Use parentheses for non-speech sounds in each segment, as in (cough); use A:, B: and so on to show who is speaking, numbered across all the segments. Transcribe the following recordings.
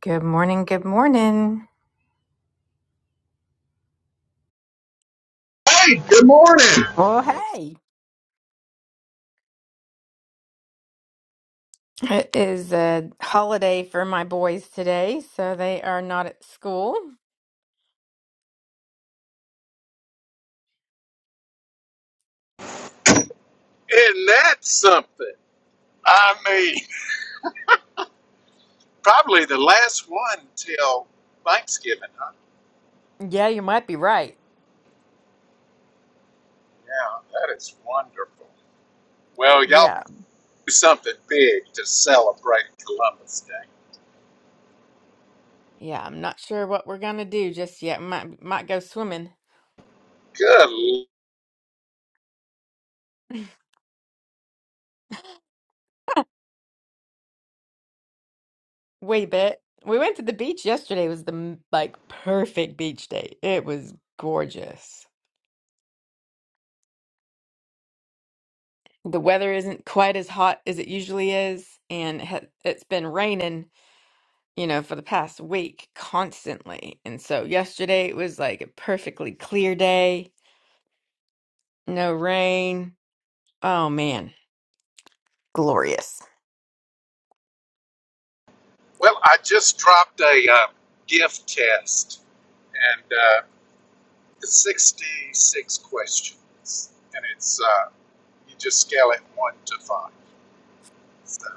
A: Good morning. Good morning.
B: Hey, good morning.
A: Well, hey. It is a holiday for my boys today, so they are not at school.
B: Isn't that something? I mean, probably the last one till Thanksgiving. Huh?
A: Yeah, you might be right.
B: Yeah, that is wonderful. Well, y'all
A: Yeah.
B: do something big to celebrate Columbus Day.
A: Yeah, I'm not sure what we're gonna do just yet. Might might go swimming.
B: Good. l-
A: Wait a bit. We went to the beach yesterday. It was the m- like perfect beach day. It was gorgeous. The weather isn't quite as hot as it usually is, and it ha- it's been raining. you know, for the past week constantly. And so yesterday it was like a perfectly clear day, no rain. Oh man, glorious.
B: Well, I just dropped a uh, gift test, and uh, it's 66 questions, and it's uh, you just scale it one to five. So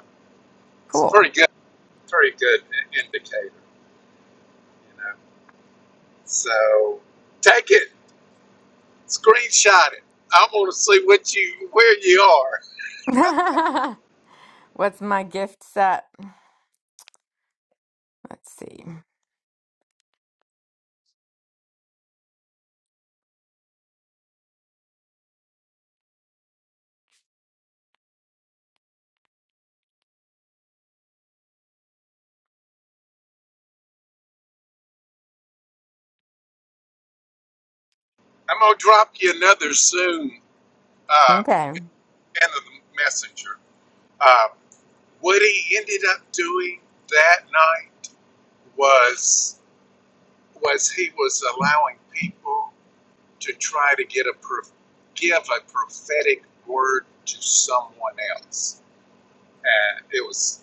B: it's
A: Cool.
B: pretty good, pretty good indicator. you know. So take it, screenshot it. I want to see what you where you are.
A: (laughs) What's my gift set? Let's see.
B: I'm gonna drop you another soon. Uh,
A: Okay.
B: and the messenger. Uh, what he ended up doing that night was was he was allowing people to try to get a prof- give a prophetic word to someone else and it was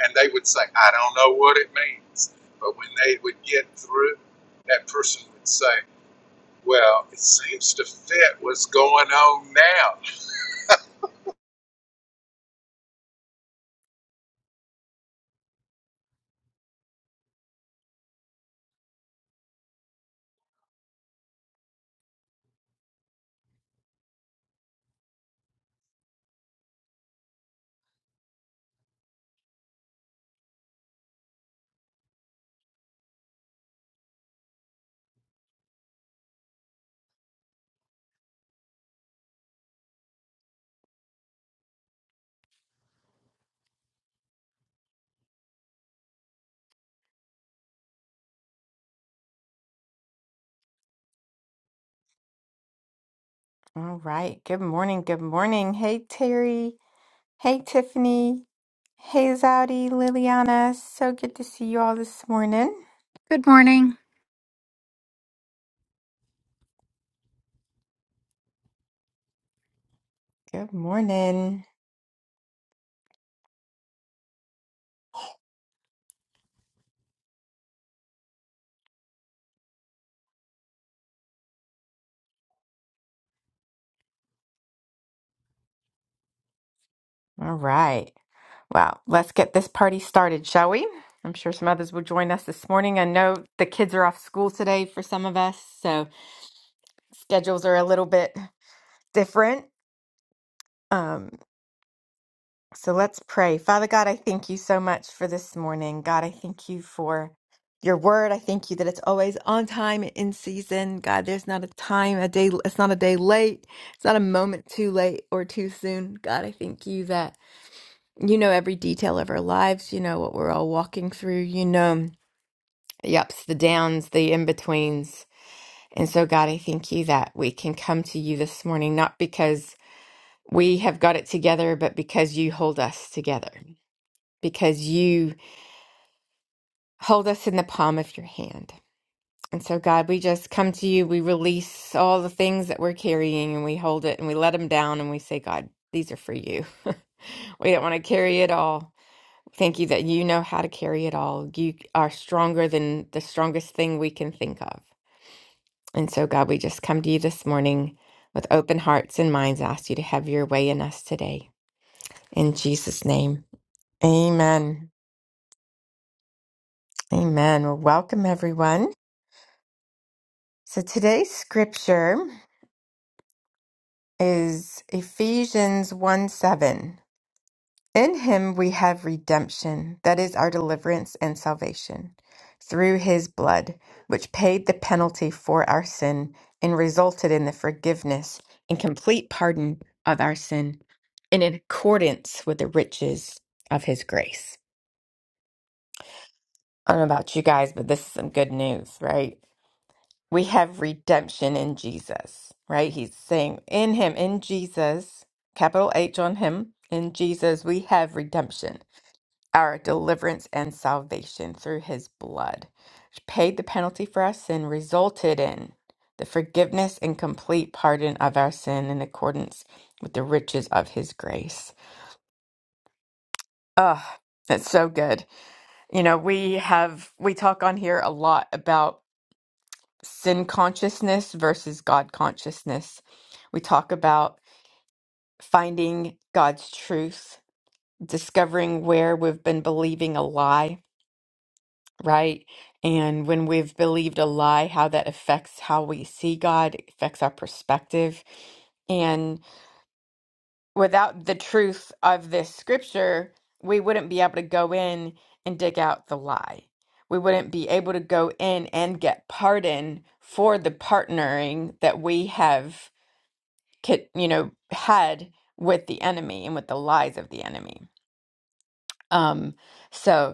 B: and they would say i don't know what it means but when they would get through that person would say well it seems to fit what's going on now
A: All right. Good morning. Good morning. Hey, Terry. Hey, Tiffany. Hey, Zaudi, Liliana. So good to see you all this morning.
C: Good morning.
A: Good morning. All right. Wow, let's get this party started, shall we? I'm sure some others will join us this morning. I know the kids are off school today for some of us, so schedules are a little bit different. Um, so let's pray. Father God, I thank you so much for this morning. God, I thank you for your word. I thank you that it's always on time and in season. God, there's not a time, a day, it's not a day late. It's not a moment too late or too soon. God, I thank you that you know every detail of our lives. You know what we're all walking through. You know. Yups, the downs, the in betweens. And so, God, I thank you that we can come to you this morning, not because we have got it together, but because you hold us together, because you hold us in the palm of your hand. And so, God, we just come to you. We release all the things that we're carrying and we hold it and we let them down and we say, God, these are for you. (laughs) we don't want to carry it all. Thank you that you know how to carry it all. You are stronger than the strongest thing we can think of. And so, God, we just come to you this morning with open hearts and minds, ask you to have your way in us today. In Jesus' name, amen. Amen. Well, welcome, everyone. So, today's scripture is Ephesians 1 7. In him we have redemption, that is our deliverance and salvation, through his blood, which paid the penalty for our sin and resulted in the forgiveness and complete pardon of our sin in accordance with the riches of his grace. I don't know about you guys, but this is some good news, right? We have redemption in Jesus, right? He's saying in him, in Jesus, capital H on him, in Jesus, we have redemption our deliverance and salvation through his blood, which paid the penalty for our sin, resulted in the forgiveness and complete pardon of our sin in accordance with the riches of his grace. Oh, that's so good. You know, we have, we talk on here a lot about sin consciousness versus God consciousness. We talk about finding God's truth, discovering where we've been believing a lie right? And when we've believed a lie, how that affects how we see God, it affects our perspective. And without the truth of this scripture, we wouldn't be able to go in and dig out the lie. We wouldn't be able to go in and get pardon for the partnering that we have, ki- you know, had with the enemy and with the lies of the enemy. Um, so,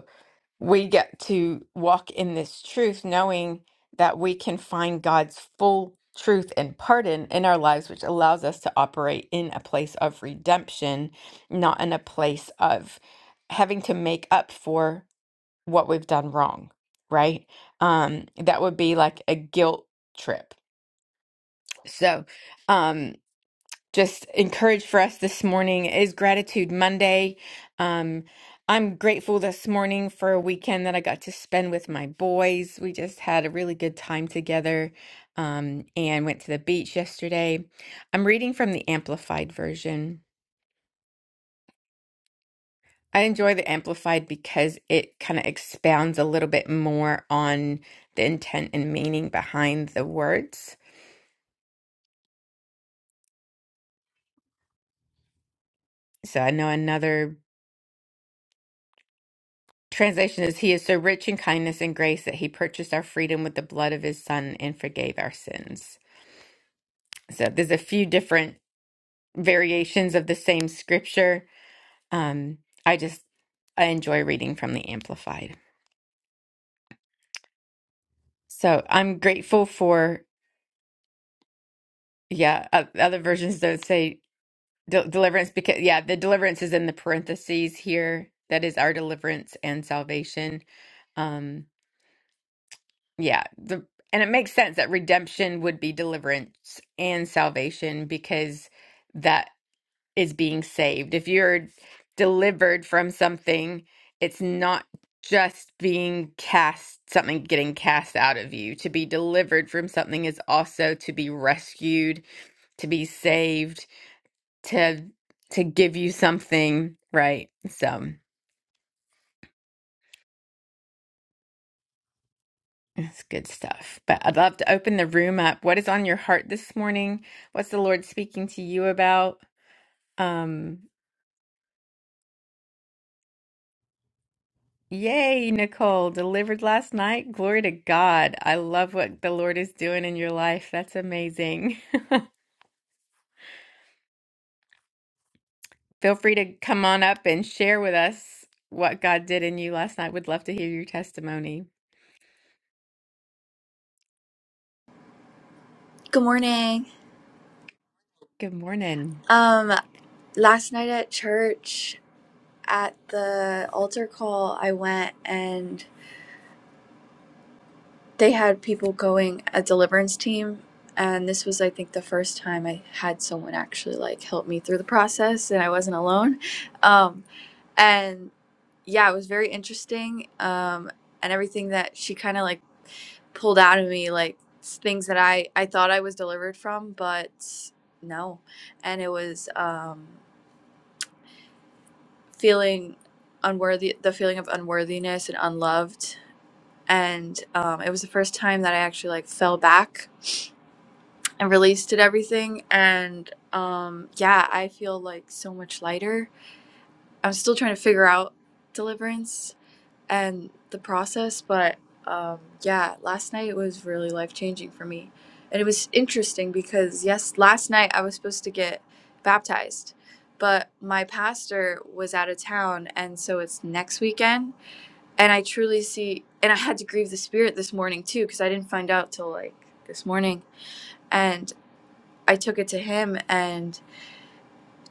A: we get to walk in this truth knowing that we can find God's full truth and pardon in our lives, which allows us to operate in a place of redemption, not in a place of having to make up for what we've done wrong, right? Um, that would be like a guilt trip. So, um, just encourage for us this morning is Gratitude Monday. Um, I'm grateful this morning for a weekend that I got to spend with my boys. We just had a really good time together um, and went to the beach yesterday. I'm reading from the Amplified version. I enjoy the Amplified because it kind of expounds a little bit more on the intent and meaning behind the words. So I know another Translation is He is so rich in kindness and grace that He purchased our freedom with the blood of His Son and forgave our sins. So there's a few different variations of the same scripture. Um, I just I enjoy reading from the Amplified. So I'm grateful for yeah. o- Other versions don't say de- deliverance because yeah, the deliverance is in the parentheses here. That is our deliverance and salvation. Um, Yeah, the and it makes sense that redemption would be deliverance and salvation because that is being saved. If you're delivered from something, it's not just being cast, something getting cast out of you. To be delivered from something is also to be rescued, to be saved, to to give you something, right? So. That's good stuff. But I'd love to open the room up. What is on your heart this morning? What's the Lord speaking to you about? Um, yay, Nicole, delivered last night. Glory to God. I love what the Lord is doing in your life. That's amazing. Feel free to come on up and share with us what God did in you last night. Would love to hear your testimony.
D: Good morning.
A: Good morning.
D: Um, last night at church at the altar call, I went and they had people going a deliverance team, and this was, I think, the first time I had someone actually like help me through the process, and I wasn't alone. Um, and yeah, it was very interesting. Um, and everything that she kind of like pulled out of me, like s- things that I I thought I was delivered from, but no, and it was. Um, feeling unworthy the feeling of unworthiness and unloved and um, it was the first time that i actually like fell back and released it everything and um, yeah i feel like so much lighter i'm still trying to figure out deliverance and the process but um, yeah last night was really life changing for me and it was interesting because yes last night i was supposed to get baptized but my pastor was out of town and so it's next weekend and I truly see, and I had to grieve the spirit this morning too, because I didn't find out till like this morning. And I took it to him, and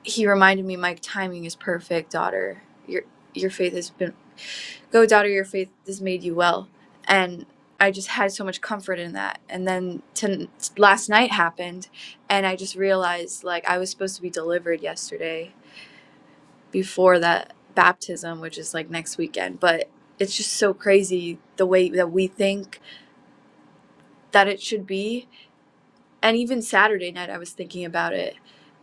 D: he reminded me, my timing is perfect, daughter. Your your faith has been go, daughter. Your faith has made you well, and I just had so much comfort in that. And then to, last night happened, and I just realized like I was supposed to be delivered yesterday before that baptism, which is like next weekend, but. It's just so crazy the way that we think that it should be. And even Saturday night, I was thinking about it.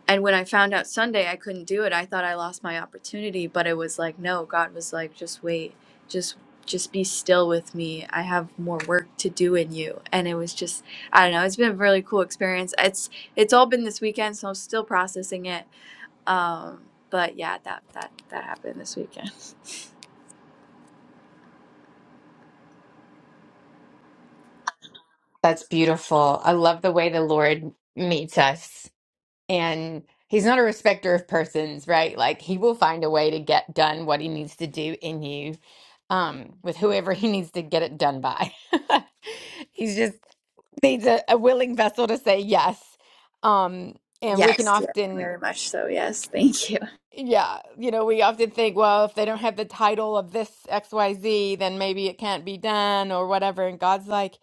D: And when I found out Sunday I couldn't do it, I thought I lost my opportunity. But it was like, no, God was like, just wait, just just be still with me. I have more work to do in you. And it was just, I don't know. It's been a really cool experience. It's it's all been this weekend, so I'm still processing it. Um, but yeah, that that that happened this weekend.
A: That's beautiful. I love the way the Lord meets us. and he's not a respecter of persons, right? Like he will find a way to get done what he needs to do in you, um, with whoever he needs to get it done by. (laughs) he's just needs a, a willing vessel to say yes. Um, and we can
D: Yes, yes,
A: often,
D: very much so. Yes, thank you.
A: yeah, you know, we often think, well, if they don't have the title of this XYZ, then maybe it can't be done or whatever. And God's like,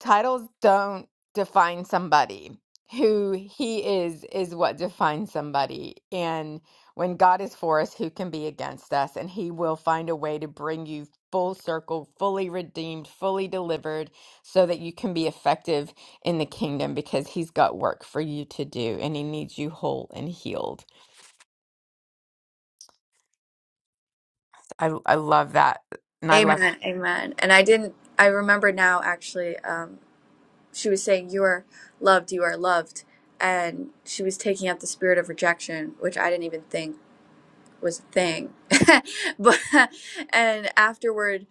A: titles don't define somebody. Who he is is what defines somebody. And when God is for us, who can be against us? And he will find a way to bring you full circle, fully redeemed, fully delivered, so that you can be effective in the kingdom because he's got work for you to do and he needs you whole and healed. I I love that. And I love
D: Amen, amen. And I didn't. I remember now actually. Um, she was saying you are loved you are loved and she was taking out the spirit of rejection which i didn't even think was a thing (laughs) but and afterward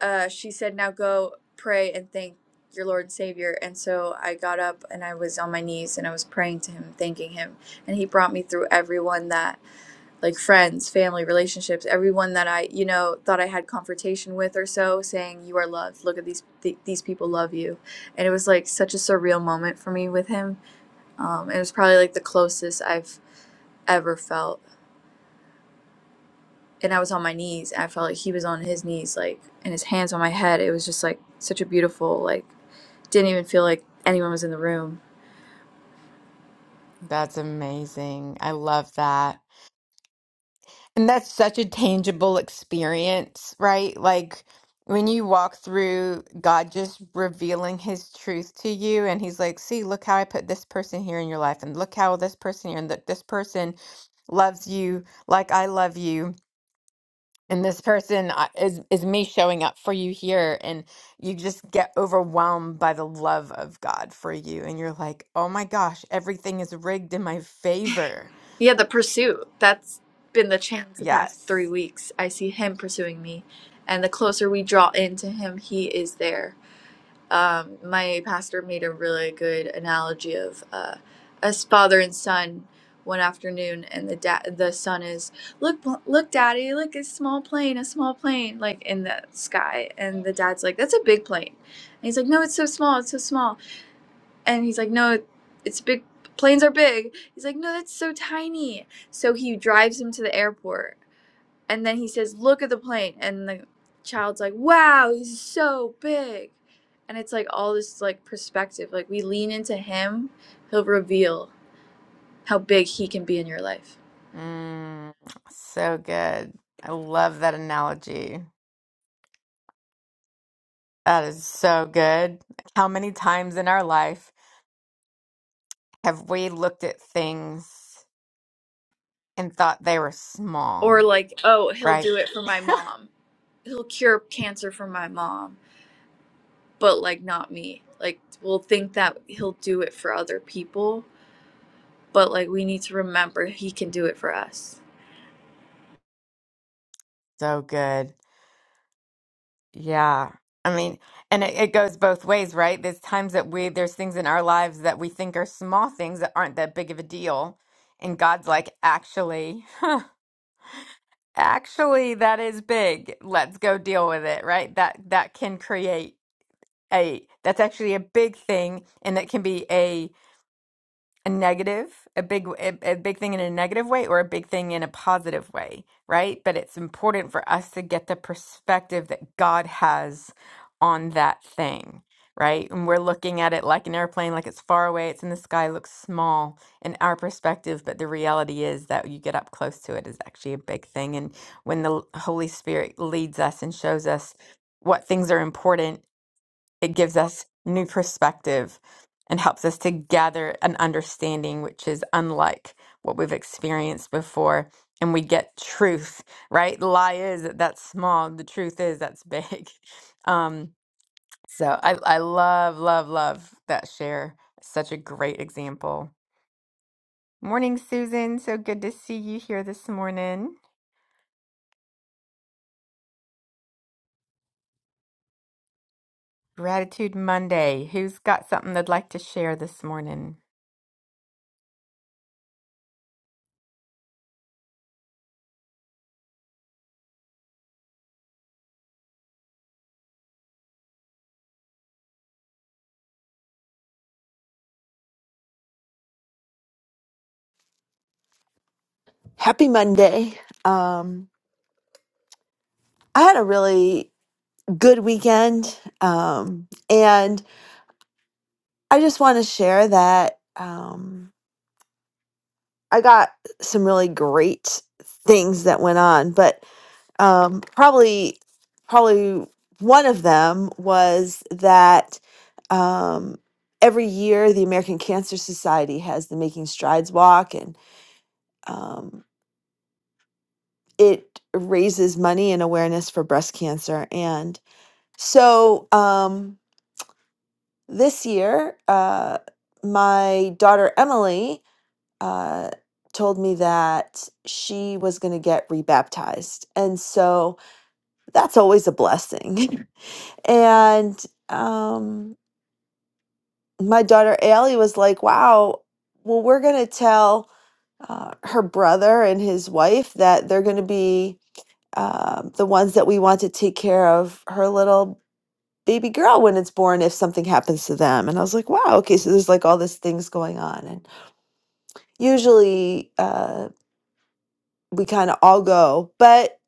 D: uh, she said now go pray and thank your lord and savior and so i got up and i was on my knees and i was praying to him thanking him and he brought me through everyone that like friends, family, relationships, everyone that I, you know, thought I had confrontation with or so, saying you are loved. Look at these th- these people love you, and it was like such a surreal moment for me with him. Um, it was probably like the closest I've ever felt, and I was on my knees. and I felt like he was on his knees, like and his hands on my head. It was just like such a beautiful, like didn't even feel like anyone was in the room.
A: that's amazing. I love that. And that's such a tangible experience, right? Like when you walk through God just revealing his truth to you, and he's like, See, look how I put this person here in your life, and look how this person here, and that this person loves you like I love you. And this person uh, is is me showing up for you here, and you just get overwhelmed by the love of God for you, and you're like, "Oh my gosh, everything is rigged in my favor."
D: Yeah, the pursuit. That's been the challenge the past three
A: Yes.
D: weeks. I see him pursuing me, and the closer we draw into him, he is there. Um, my pastor made a really good analogy of uh, us father and son one afternoon, and the da- the son is look, bl- look, daddy, look, a small plane, a small plane, like in the sky, and the dad's like, that's a big plane, and he's like, no, it's so small, it's so small, and he's like, no, it's big. Planes are big. He's like, no, that's so tiny. So he drives him to the airport. And then he says, look at the plane. And the child's like, wow, he's so big. And it's like all this like perspective. Like we lean into him, he'll reveal how big he can be in your life.
A: Mm, so good. I love that analogy. That is so good. How many times in our life have we looked at things and thought they were small,
D: Or like, oh, he'll
A: right?
D: do it for my mom. He'll cure cancer for my mom, but like not me. Like we'll think that he'll do it for other people but like we need to remember he can do it for us.
A: So good. Yeah. I mean, and it, it goes both ways, right? There's times that we, there's things in our lives that we think are small things that aren't that big of a deal. And God's like, actually, (laughs) actually, that is big. Let's go deal with it, right? That, that can create a that's actually a big thing and that can be a a negative a big a, a big thing in a negative way or a big thing in a positive way right but it's important for us to get the perspective that god has on that thing right and we're looking at it like an airplane like it's far away it's in the sky looks small in our perspective but the reality is that you get up close to it is actually a big thing and when the holy spirit leads us and shows us what things are important it gives us new perspective and helps us to gather an understanding which is unlike what we've experienced before. And we get truth, right? The lie is that that's small, the truth is that's big. (laughs) Um, so I, I love, love, love that share. Such a great example. Morning, Susan. So good to see you here this morning. Gratitude Monday. Who's got something they'd like to share this morning?
E: Happy Monday. Um, I had a really good weekend. Um, and I just want to share that um, I got some really great things that went on, but um, probably, probably one of them was that um, every year the American Cancer Society has the Making Strides Walk, and um, it raises money and awareness for breast cancer. And So um, this year, uh, my daughter Emily uh, told me that she was going to get rebaptized. And so that's always a blessing. (laughs) and um, my daughter Allie was like, wow, well, we're going to tell uh, her brother and his wife that they're going to be. Um, the ones that we want to take care of her little baby girl when it's born if something happens to them and i was like wow okay so there's like all these things going on and usually uh we kind of all go but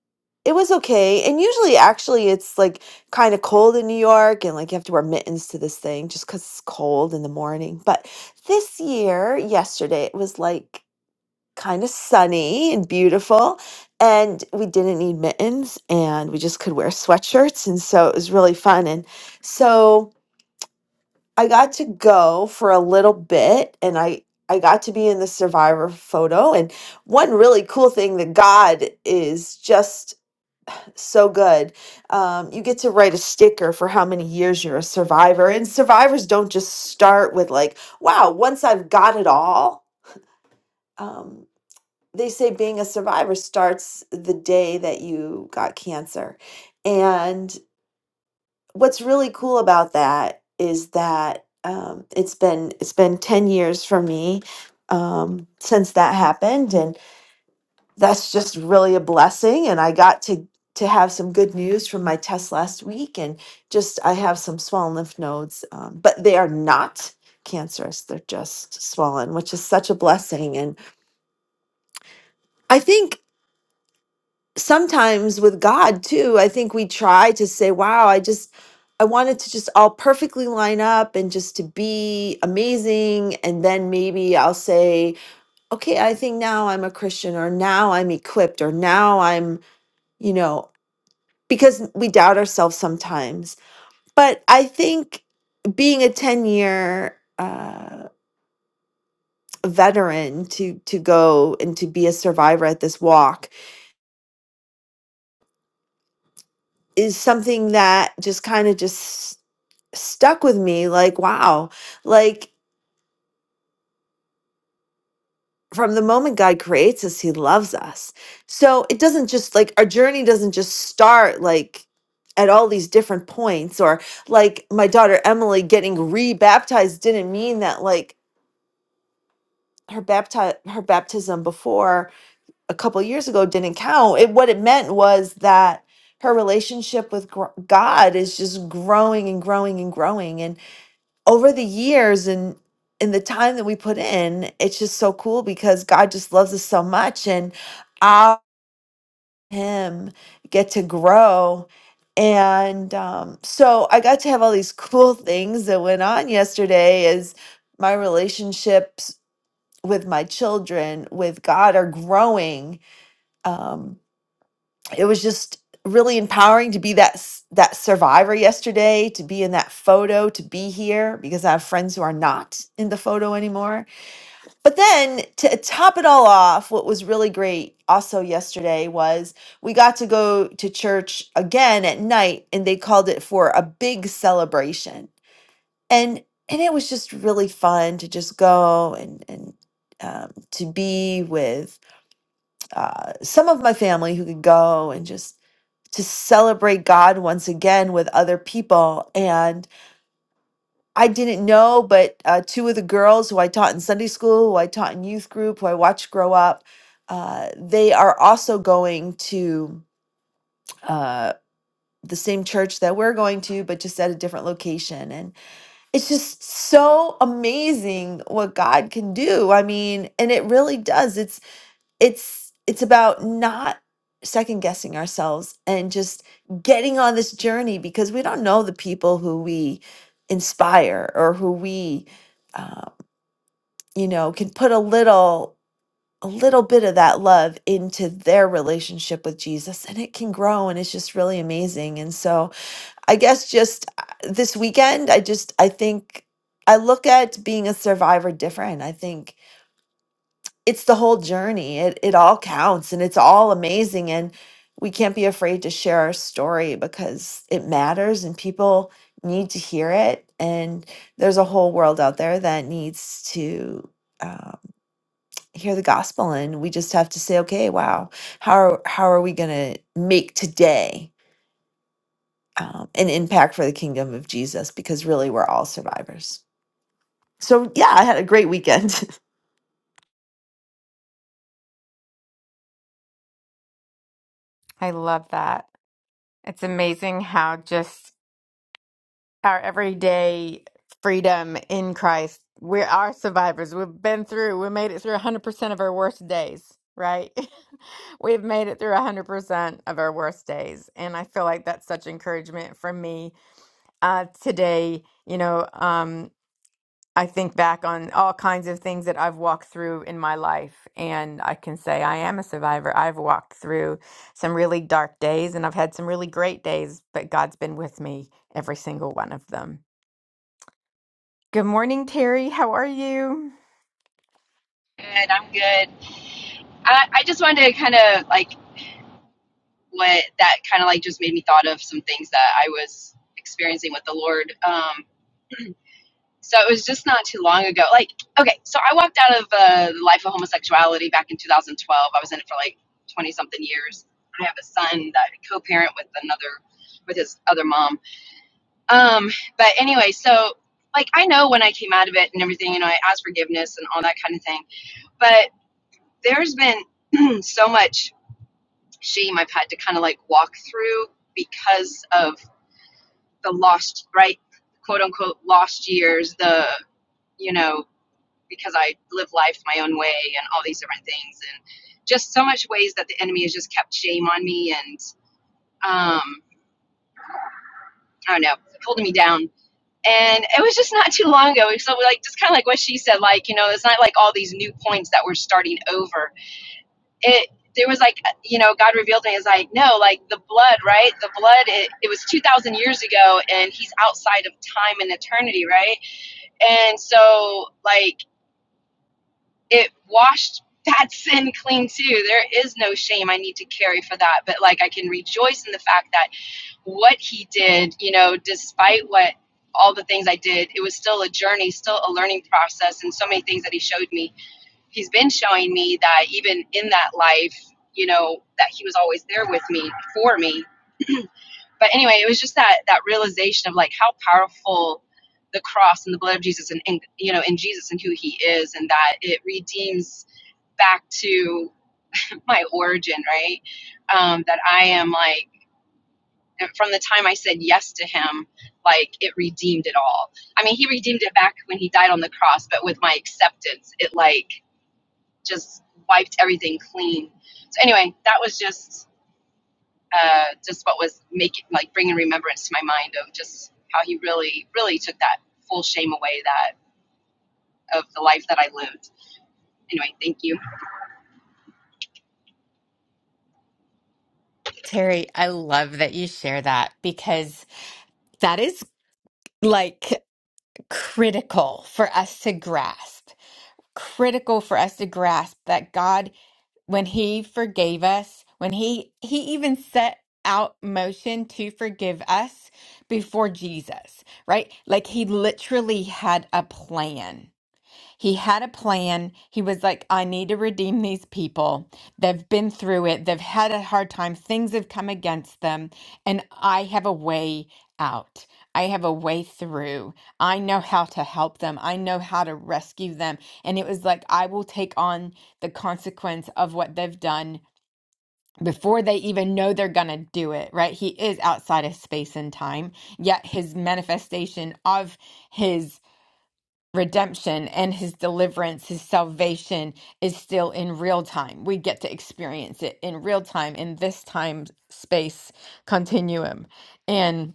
E: it was okay and usually actually it's like kind of cold in new york and like you have to wear mittens to this thing just because it's cold in the morning but this year yesterday it was like kind of sunny and beautiful and we didn't need mittens and we just could wear sweatshirts and so it was really fun and so I got to go for a little bit and I I got to be in the survivor photo and one really cool thing that God is just so good. Um, you get to write a sticker for how many years you're a survivor and survivors don't just start with like, wow, once I've got it all. Um, they say being a survivor starts the day that you got cancer. and what's really cool about that is that um, it's been it's been 10 years for me um, since that happened and that's just really a blessing and i got to to have some good news from my test last week and just i have some swollen lymph nodes um, but they are not cancerous they're just swollen which is such a blessing and i think sometimes with God too, I think we try to say, wow, I just, I want it to just all perfectly line up and just to be amazing. And then maybe I'll say, okay, I think now I'm a Christian or now I'm equipped or now I'm, you know, because we doubt ourselves sometimes. But I think being a 10 year, uh, veteran to to go and to be a survivor at this walk is something that just kind of just stuck with me like wow like from the moment god creates us he loves us so it doesn't just like our journey doesn't just start like at all these different points or like my daughter emily getting re-baptized didn't mean that like her bapti- her baptism before a couple years ago didn't count it what it meant was that her relationship with gr- god is just growing and growing and growing and. over the years and in the time that we put in, it's just so cool because God just loves us so much and I him get to grow. And um, so I got to have all these cool things that went on yesterday as my relationships with my children, with God are growing. Um, it was just really empowering to be that s- that survivor yesterday to be in that photo to be here because i have friends who are not in the photo anymore but then to top it all off what was really great also yesterday was we got to go to church again at night and they called it for a big celebration and and it was just really fun to just go and and um, to be with uh, some of my family who could go and just to celebrate God once again with other people. And I didn't know, but uh, two of the girls who I taught in Sunday school, who I taught in youth group, who I watched grow up, uh, they are also going to uh, the same church that we're going to, but just at a different location. And it's just so amazing what God can do. I mean, and it really does. It's it's it's about not second guessing ourselves and just getting on this journey because we don't know the people who we inspire or who we uh, you know can put a little a little bit of that love into their relationship with Jesus and it can grow and it's just really amazing and so i guess just uh, this weekend i just i think i look at being a survivor different i think it's the whole journey. It it all counts and it's all amazing and we can't be afraid to share our story because it matters and people need to hear it and there's a whole world out there that needs to um, hear the gospel and we just have to say okay wow how are, how are we going to make today um, an impact for the kingdom of jesus because really we're all survivors so yeah i had a great weekend
A: I love that. It's amazing how just our everyday freedom in Christ. We are survivors. We've been through, we made it through 100% of our worst days, right? (laughs) We've made it through 100% of our worst days. And I feel like that's such encouragement from me uh, today. You know, um, I think back on all kinds of things that I've walked through in my life, and I can say I am a survivor. I've walked through some really dark days, and I've had some really great days, but God's been with me every single one of them. Good morning, Terry. How are you?
F: Good, I'm good. I, I just wanted to kind of like what that kind of like just made me thought of some things that I was experiencing with the Lord. Um, so it was just not too long ago. Like, okay, so I walked out of uh, the life of homosexuality back in 2012. I was in it for like 20 something years. I have a son that I co-parent with another with his other mom. Um, but anyway, so like I know when I came out of it and everything, you know, I asked forgiveness and all that kind of thing. But there's been (clears throat) so much shame I've had to kind of like walk through because of the lost, right? Quote unquote lost years, the, you know, because I live life my own way and all these different things. And just so much ways that the enemy has just kept shame on me and, um, I don't know, holding me down. And it was just not too long ago. So, like, just kind of like what she said, like, you know, it's not like all these new points that we're starting over it there was like you know god revealed to me is like no like the blood right the blood it, it was 2000 years ago and he's outside of time and eternity right and so like it washed (laughs) that sin clean too there is no shame i need to carry for that but like i can rejoice in the fact that what he did you know despite what all the things i did it was still a journey still a learning process and so many things that he showed me he's been showing me that even in that life, you know, that he was always there with me for me. But anyway, it was just that that realization of like how powerful the cross and the blood of Jesus and, and you know, in Jesus and who he is and that it redeems back to my origin, right? Um, that I am like from the time I said yes to him, like it redeemed it all. I mean, he redeemed it back when he died on the cross, but with my acceptance, it like just wiped everything clean. So anyway, that was just uh, just what was making like bringing remembrance to my mind of just how he really really took that full shame away that of the life that I lived. Anyway, thank you.
A: Terry, I love that you share that because that is like critical for us to grasp. Critical for us to grasp that God, when He forgave us, when He He even set out motion to forgive us before Jesus, right? Like He literally had a plan He had a plan. He was like, I need to redeem these people. They've been through it, they've had a hard time, things have come against them, and I have a way out. I have a way through. I know how to help them. I know how to rescue them. And it was like, I will take on the consequence of what they've done before they even know they're going to do it, right? He is outside of space and time, yet his manifestation of his redemption and his deliverance, his salvation is still in real time. We get to experience it in real time in this time space continuum. And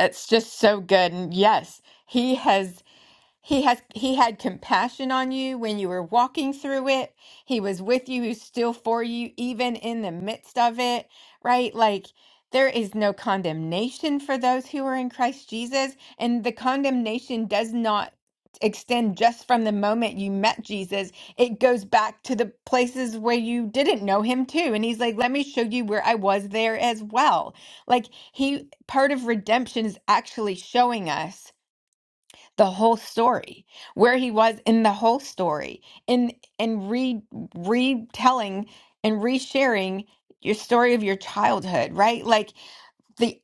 A: it's just so good. And yes, he has. He has he had compassion on you when you were walking through it. He was with you, who's still for you, even in the midst of it, right? Like there is no condemnation for those who are in Christ Jesus. And the condemnation does not extend just from the moment you met Jesus. It goes back to the places where you didn't know him too. And he's like, let me show you where I was there as well. Like he part of redemption is actually showing us the whole story where he was in the whole story and and re retelling and resharing your story of your childhood right like the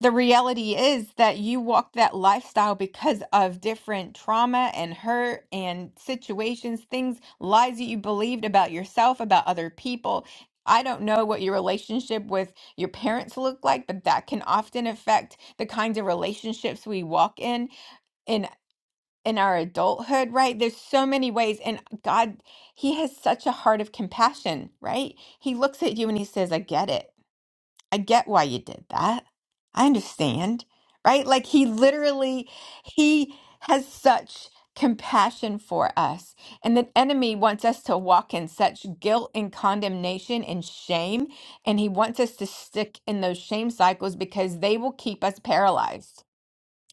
A: the reality is that you walk that lifestyle because of different trauma and hurt and situations things lies that you believed about yourself about other people I don't know what your relationship with your parents look like, but that can often affect the kinds of relationships we walk in in in our adulthood, right? There's so many ways. And God, He has such a heart of compassion, right? He looks at you and He says, I get it. I get why you did that. I understand, right? Like He literally, He has such compassion for us. And the enemy wants us to walk in such guilt and condemnation and shame. And He wants us to stick in those shame cycles because they will keep us paralyzed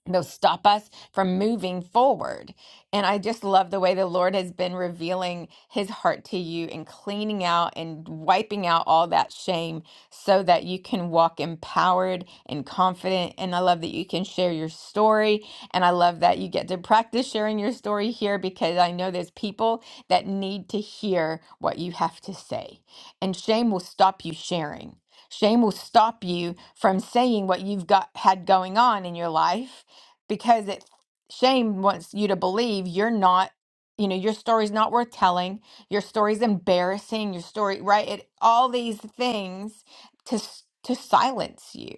A: they'll stop us from moving forward. And I just love the way the Lord has been revealing his heart to you and cleaning out and wiping out all that shame so that you can walk empowered and confident. And I love that you can share your story. And I love that you get to practice sharing your story here because I know there's people that need to hear what you have to say. And shame will stop you sharing. Shame will stop you from saying what you've got had going on in your life because it shame wants you to believe you're not you know your story's not worth telling your story's embarrassing your story right it all these things to s- to silence you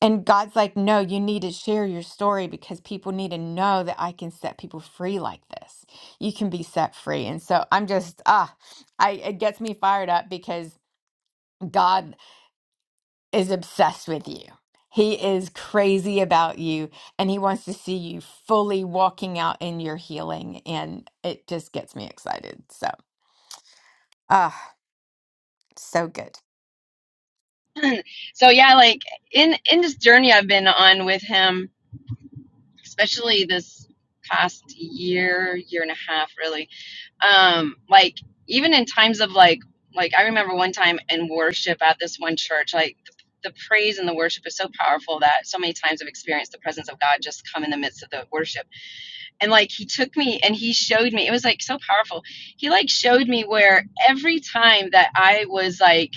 A: and god's like no you need to share your story because people need to know that i can set people free like this you can be set free and so i'm just ah i it gets me fired up because god is obsessed with you. He is crazy about you and he wants to see you fully walking out in your healing. And it just gets me excited. So, ah, so good.
F: So yeah, like in in this journey I've been on with him, especially this past year year and a half, really um like even in times of like like i remember one time in worship at this one church like the, the praise and the worship is so powerful that so many times i've experienced the presence of god just come in the midst of the worship and like he took me and he showed me it was like so powerful he like showed me where every time that i was like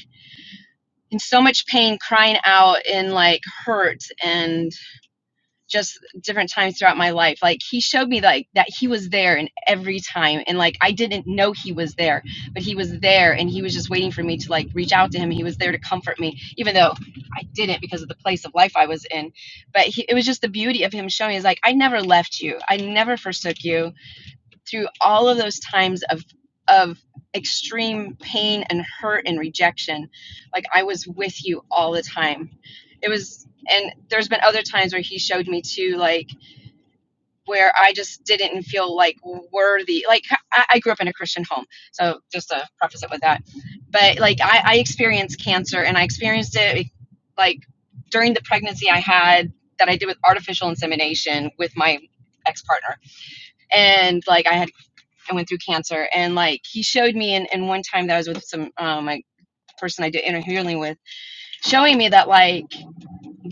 F: in so much pain crying out in like hurt and just different times throughout my life like he showed me like that he was there in every time and like i didn't know he was there but he was there and he was just waiting for me to like reach out to him he was there to comfort me even though i didn't because of the place of life i was in but he, it was just the beauty of him showing me is like i never left you i never forsook you through all of those times of of extreme pain and hurt and rejection like i was with you all the time it was and there's been other times where he showed me too like where I just didn't feel like worthy. Like I, I grew up in a Christian home, so just to preface it with that. But like I, I experienced cancer, and I experienced it like like, during the pregnancy I had that I did with artificial insemination with my ex partner, and like I had I went through cancer, and like he showed me, and, and one time that I was with some um, my person I did inner healing with, showing me that like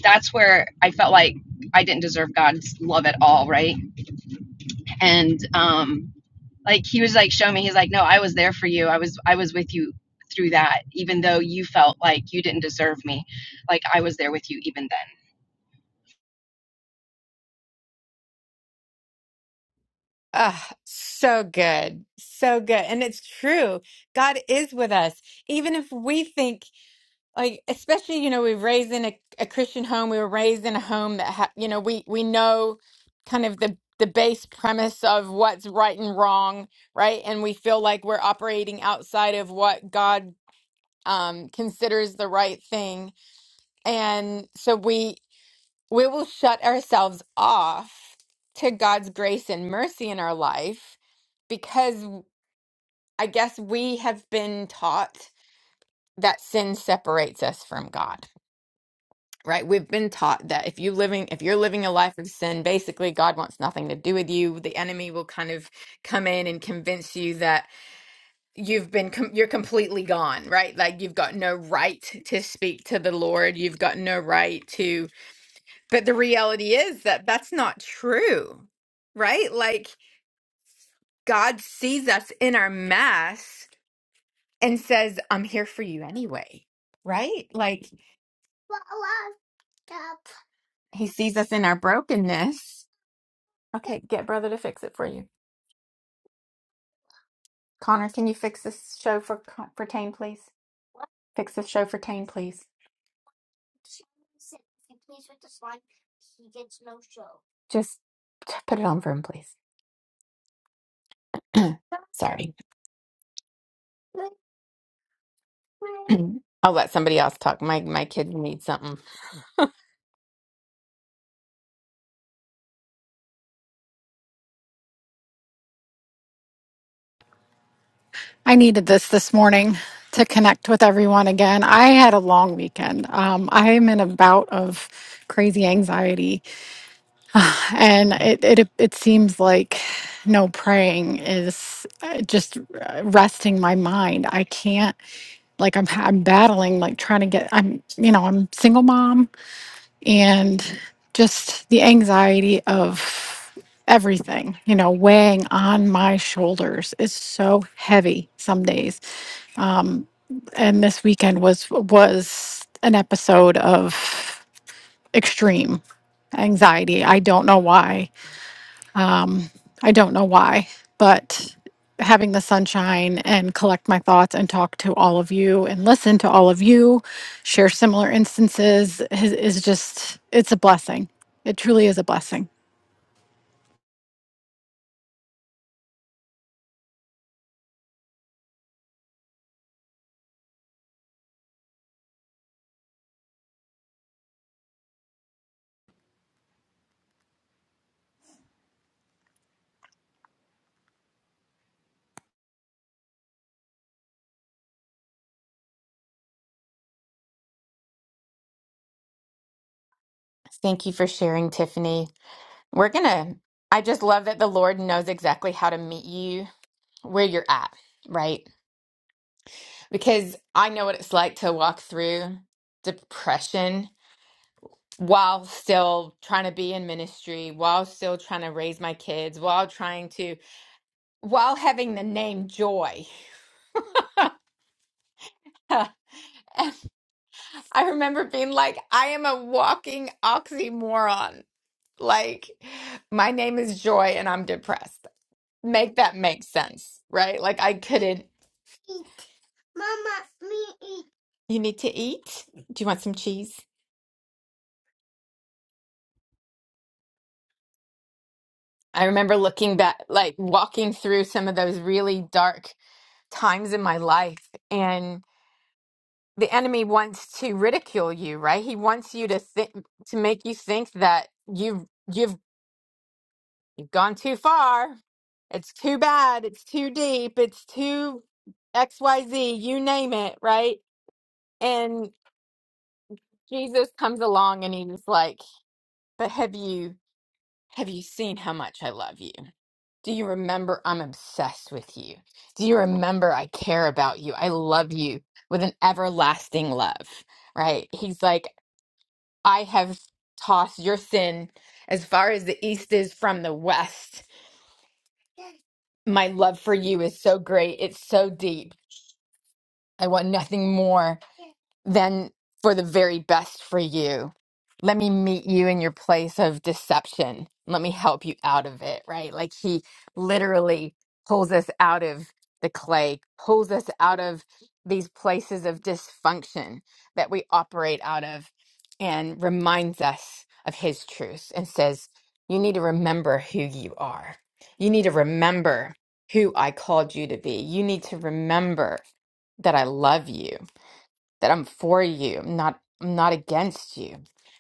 F: that's where I felt like I didn't deserve God's love at all, right? and um like he was like show me he's like no i was there for you i was i was with you through that even though you felt like you didn't deserve me like i was there with you even then
A: Ah, so good. So good. And it's true. God is with us. Even if we think like especially you know we were raised in a, a christian home we were raised in a home that ha- you know we we know kind of the the base premise of what's right and wrong right and we feel like we're operating outside of what god um considers the right thing and so we we will shut ourselves off to god's grace and mercy in our life because i guess we have been taught that sin separates us from god right we've been taught that if you living if you're living a life of sin basically god wants nothing to do with you the enemy will kind of come in and convince you that you've been com- you're completely gone right like you've got no right to speak to the lord you've got no right to but the reality is that that's not true right like god sees us in our mess and says i'm here for you anyway right like he sees us in our brokenness Okay, get brother to fix it for you. Connor, can you fix this show for Con- for Tane, please? Fix this show for Tane, please. Just t- put it on for him, please. (clears throat) Sorry. (clears throat) I'll let somebody else talk. My my kid needs something.
C: I needed this this morning to connect with everyone again. I had a long weekend. Um, I am in a bout of crazy anxiety, and it it it seems like no praying is uh, just uh, resting my mind. I can't like I'm I'm battling like trying to get I'm you know I'm single mom and just the anxiety of everything you know weighing on my shoulders is so heavy some days Um, and this weekend was was an episode of extreme anxiety. I don't know why. Um, I don't know why, but having the sunshine and collect my thoughts and talk to all of you and listen to all of you share similar instances is, is just it's a blessing. It truly is a blessing.
A: Thank you for sharing, Tiffany. We're gonna. I just love that the Lord knows exactly how to meet you where you're at, right? Because I know what it's like to walk through depression while still trying to be in ministry, while still trying to raise my kids, while trying to, while having the name Joy. (laughs) And I remember being like, I am a walking oxymoron. Like, my name is Joy and I'm depressed. Make that make sense, right? Like, I couldn't. Eat. Mama, me eat. You need to eat? Do you want some cheese? I remember looking back, like walking through some of those really dark times in my life and the enemy wants to ridicule you right he wants you to think to make you think that you've you've gone too far it's too bad it's too deep it's too xyz you name it right and jesus comes along and he's like but have you have you seen how much i love you Do you remember I'm obsessed with you? Do you remember I care about you? I love you with an everlasting love, right? He's like, I have tossed your sin as far as the east is from the west. My love for you is so great, it's so deep. I want nothing more then for the very best for you. Let me meet you in your place of deception. Let me help you out of it, right? Like he literally pulls us out of the clay, pulls us out of these places of dysfunction that we operate out of, and reminds us of his truth and says, You need to remember who you are. You need to remember who I called you to be. You need to remember that I love you that I'm for you. I'm not I'm not against you.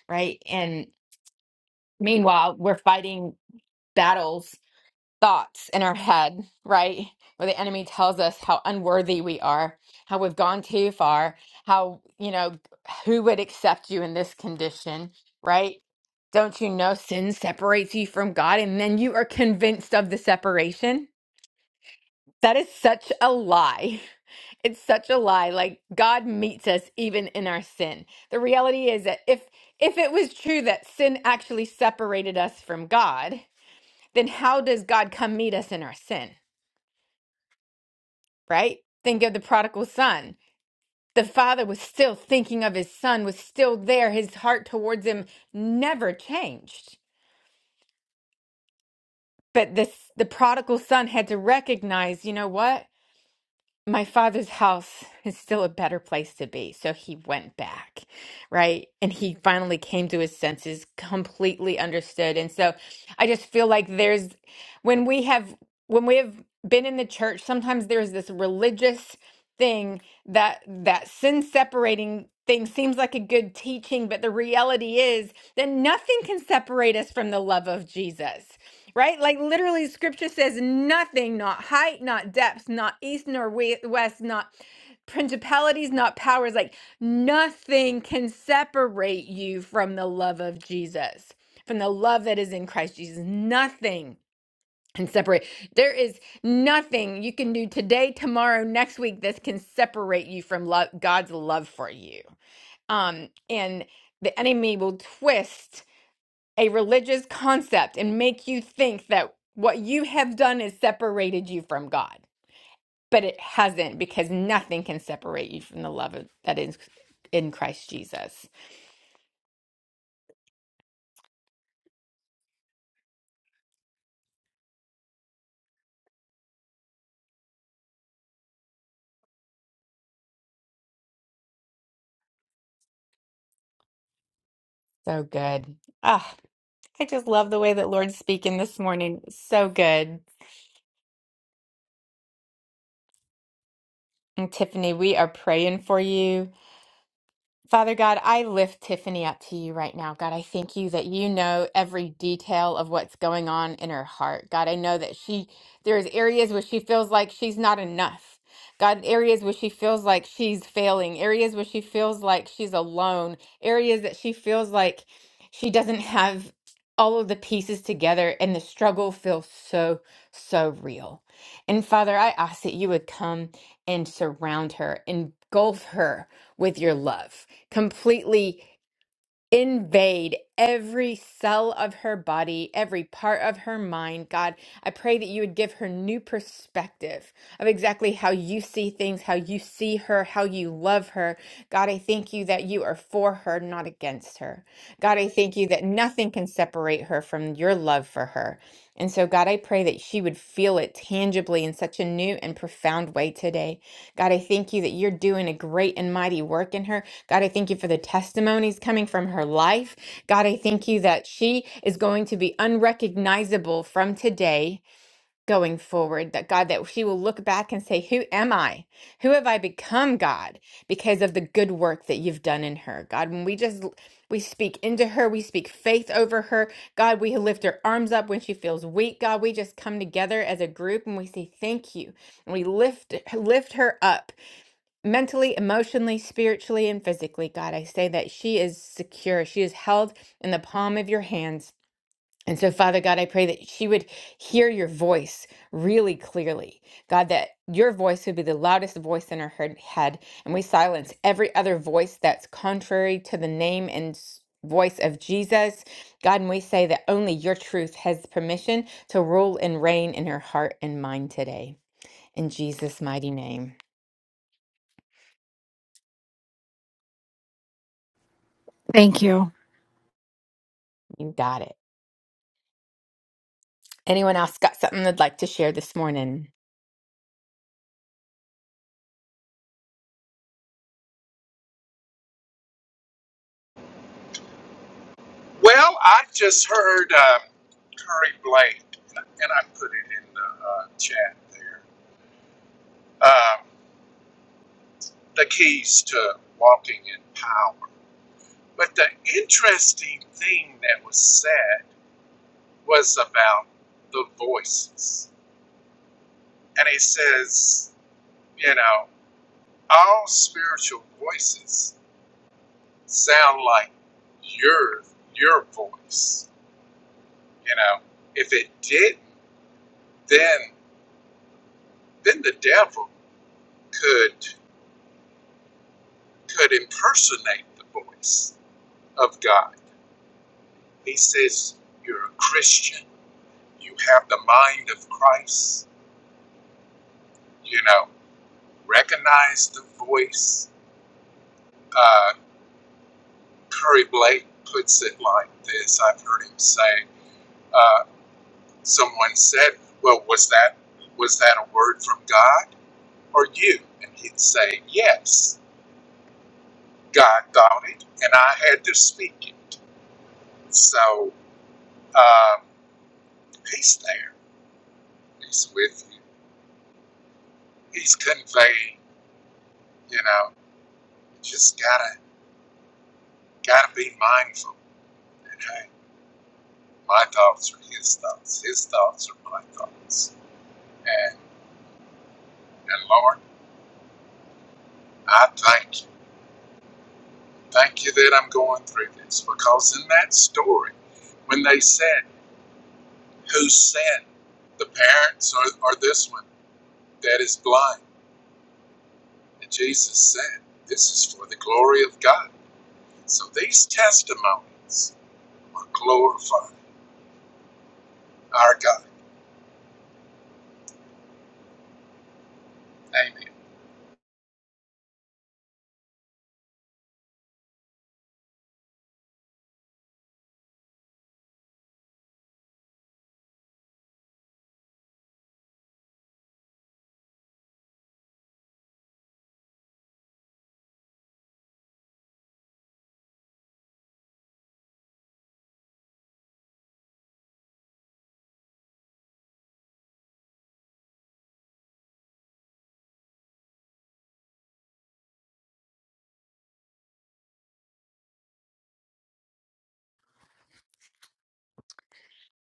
A: Right? And meanwhile, we're fighting battles, thoughts in our head, right? Where the enemy tells us how unworthy we are, how we've gone too far, how, you know, who would accept you in this condition, right? Don't you know sin separates you from God and then you are convinced of the separation? That is such a lie. (laughs) It's such a lie. Like God meets us even in our sin. The reality is that if if it was true that sin actually separated us from God, then how does God come meet us in our sin? Right? Think of the prodigal son. The father was still thinking of his son, was still there. His heart towards him never changed. But this the prodigal son had to recognize, you know what? my father's house is still a better place to be. So he went back, right? And he finally came to his senses, completely understood. And so I just feel like there's when we have when we have been in the church, sometimes there's this religious thing that that sin separating thing seems like a good teaching, but the reality is that nothing can separate us from the love of Jesus right? Like literally, scripture says nothing, not height, not depth, not east nor we- west, not principalities, not powers. Like nothing can separate you from the love of Jesus, from the love that is in Christ Jesus. Nothing can separate. There is nothing you can do today, tomorrow, next week that can separate you from love, God's love for you. Um, and the enemy will twist a religious concept and make you think that what you have done has separated you from God. But it hasn't because nothing can separate you from the love of, that is in Christ Jesus. So good. Ah, I just love the way that Lord's speaking this morning. So good. And Tiffany, we are praying for you. Father God, I lift Tiffany up to you right now. God, I thank you that you know every detail of what's going on in her heart. God, I know that she there's areas where she feels like she's not enough. God, areas where she feels like she's failing, areas where she feels like she's alone, areas that she feels like she doesn't have all of the pieces together and the struggle feels so so real. And Father, I ask that you would come and surround her, engulf her with your love completely invade every cell of her body, every part of her mind. God, I pray that you would give her new perspective of exactly how you see things, how you see her, how you love her. God, I thank you that you are for her, not against her. God, I thank you that nothing can separate her from your love for her. And so, God, I pray that she would feel it tangibly in such a new and profound way today. God, I thank you that you're doing a great and mighty work in her. God, I thank you for the testimonies coming from her life. God, I thank you that she is going to be unrecognizable from today going forward. That God, that she will look back and say, Who am I? Who have I become, God, because of the good work that you've done in her? God, when we just we speak into her, we speak faith over her. God, we lift her arms up when she feels weak. God, we just come together as a group and we say, Thank you. And we lift lift her up mentally, emotionally, spiritually, and physically, God. I say that she is secure. She is held in the palm of your hands. And so, Father God, I pray that she would hear your voice really clearly. God, that your voice would be the loudest voice in her heard- head. And we silence every other voice that's contrary to the name and s- voice of Jesus. God, and we say that only your truth has permission to rule and reign in her heart and mind today. In Jesus' mighty name,
C: Thank you.
A: you got it. Anyone else got something they'd like to share this morning?
B: well i just heard um, curry blake and i put it in the uh, chat there um, the keys to walking in power but the interesting thing that was said was about the voices and he says you know all spiritual voices sound like your your voice you know if it didn't then then the devil could could impersonate the voice of god he says you're a christian you have the mind of christ you know recognize the voice uh curry blake puts it like this i've heard him say uh, Someone said, "Well, was that was that a word from God or you?" And he'd say, "Yes, God thought it, and I had to speak it." So um, he's there. He's with you. He's conveying. You know, just gotta gotta be mindful. And hey, my thoughts are his thoughts. His thoughts are my thoughts. And and Lord, I thank you. Thank you that I'm going through this because in that story, when they said. Who sinned, the parents or, or this one that is blind? And Jesus said, This is for the glory of God. So these testimonies will glorify our God. Amen.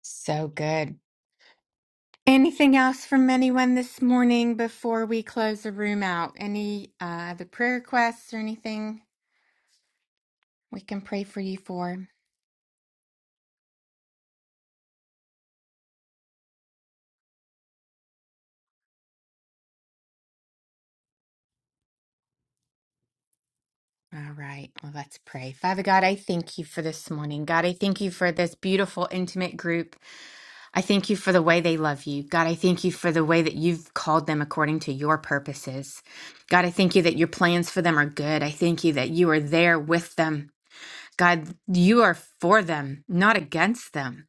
A: So good. Anything else from anyone this morning before we close the room out? Any uh, other prayer requests or anything we can pray for you for? All right, well, let's pray. Father God, I thank you for this morning. God, I thank you for this beautiful, intimate group. I thank you for the way they love you. God, I thank you for the way that you've called them according to your purposes. God, I thank you that your plans for them are good. I thank you that you are there with them. God, you are for them, not against them.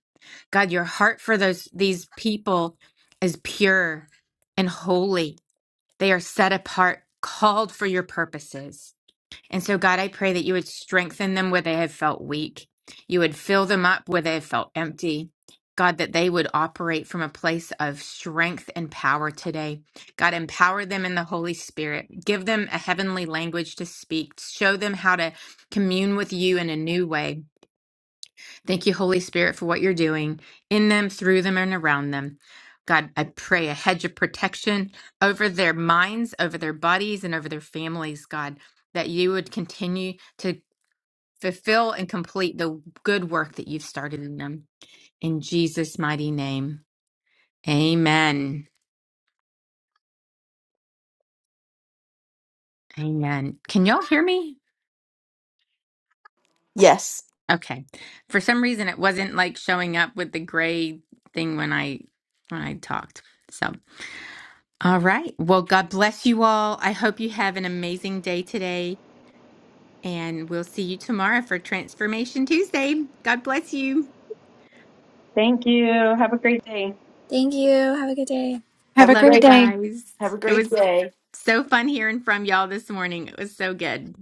A: God, your heart for those these people is pure and holy. They are set apart, called for your purposes. And so, God, I pray that you would strengthen them where they have felt weak. You would fill them up where they have felt empty. God, that they would operate from a place of strength and power today. God, empower them in the Holy Spirit. Give them a heavenly language to speak. Show them how to commune with you in a new way. Thank you, Holy Spirit, for what you're doing in them, through them, and around them. God, I pray a hedge of protection over their minds, over their bodies, and over their families, God, that you would continue to fulfill and complete the good work that you've started in them. In Jesus' mighty name, amen. Amen. Can y'all hear me?
E: (laughs) yes
A: Okay. For some reason, it wasn't like showing up with the gray thing when I when I talked. So. All right. Well, God bless you all. I hope you have an amazing day today, and we'll see you tomorrow for Transformation Tuesday. God bless you.
F: Thank you. Have a great day.
D: Thank you. Have a good day.
C: Have
E: have
C: a
E: a
A: Love
C: great
A: you
E: great
C: day.
A: guys.
E: have a
A: It
E: great
A: was
E: day
A: so fun hearing from y'all this morning. It was so good.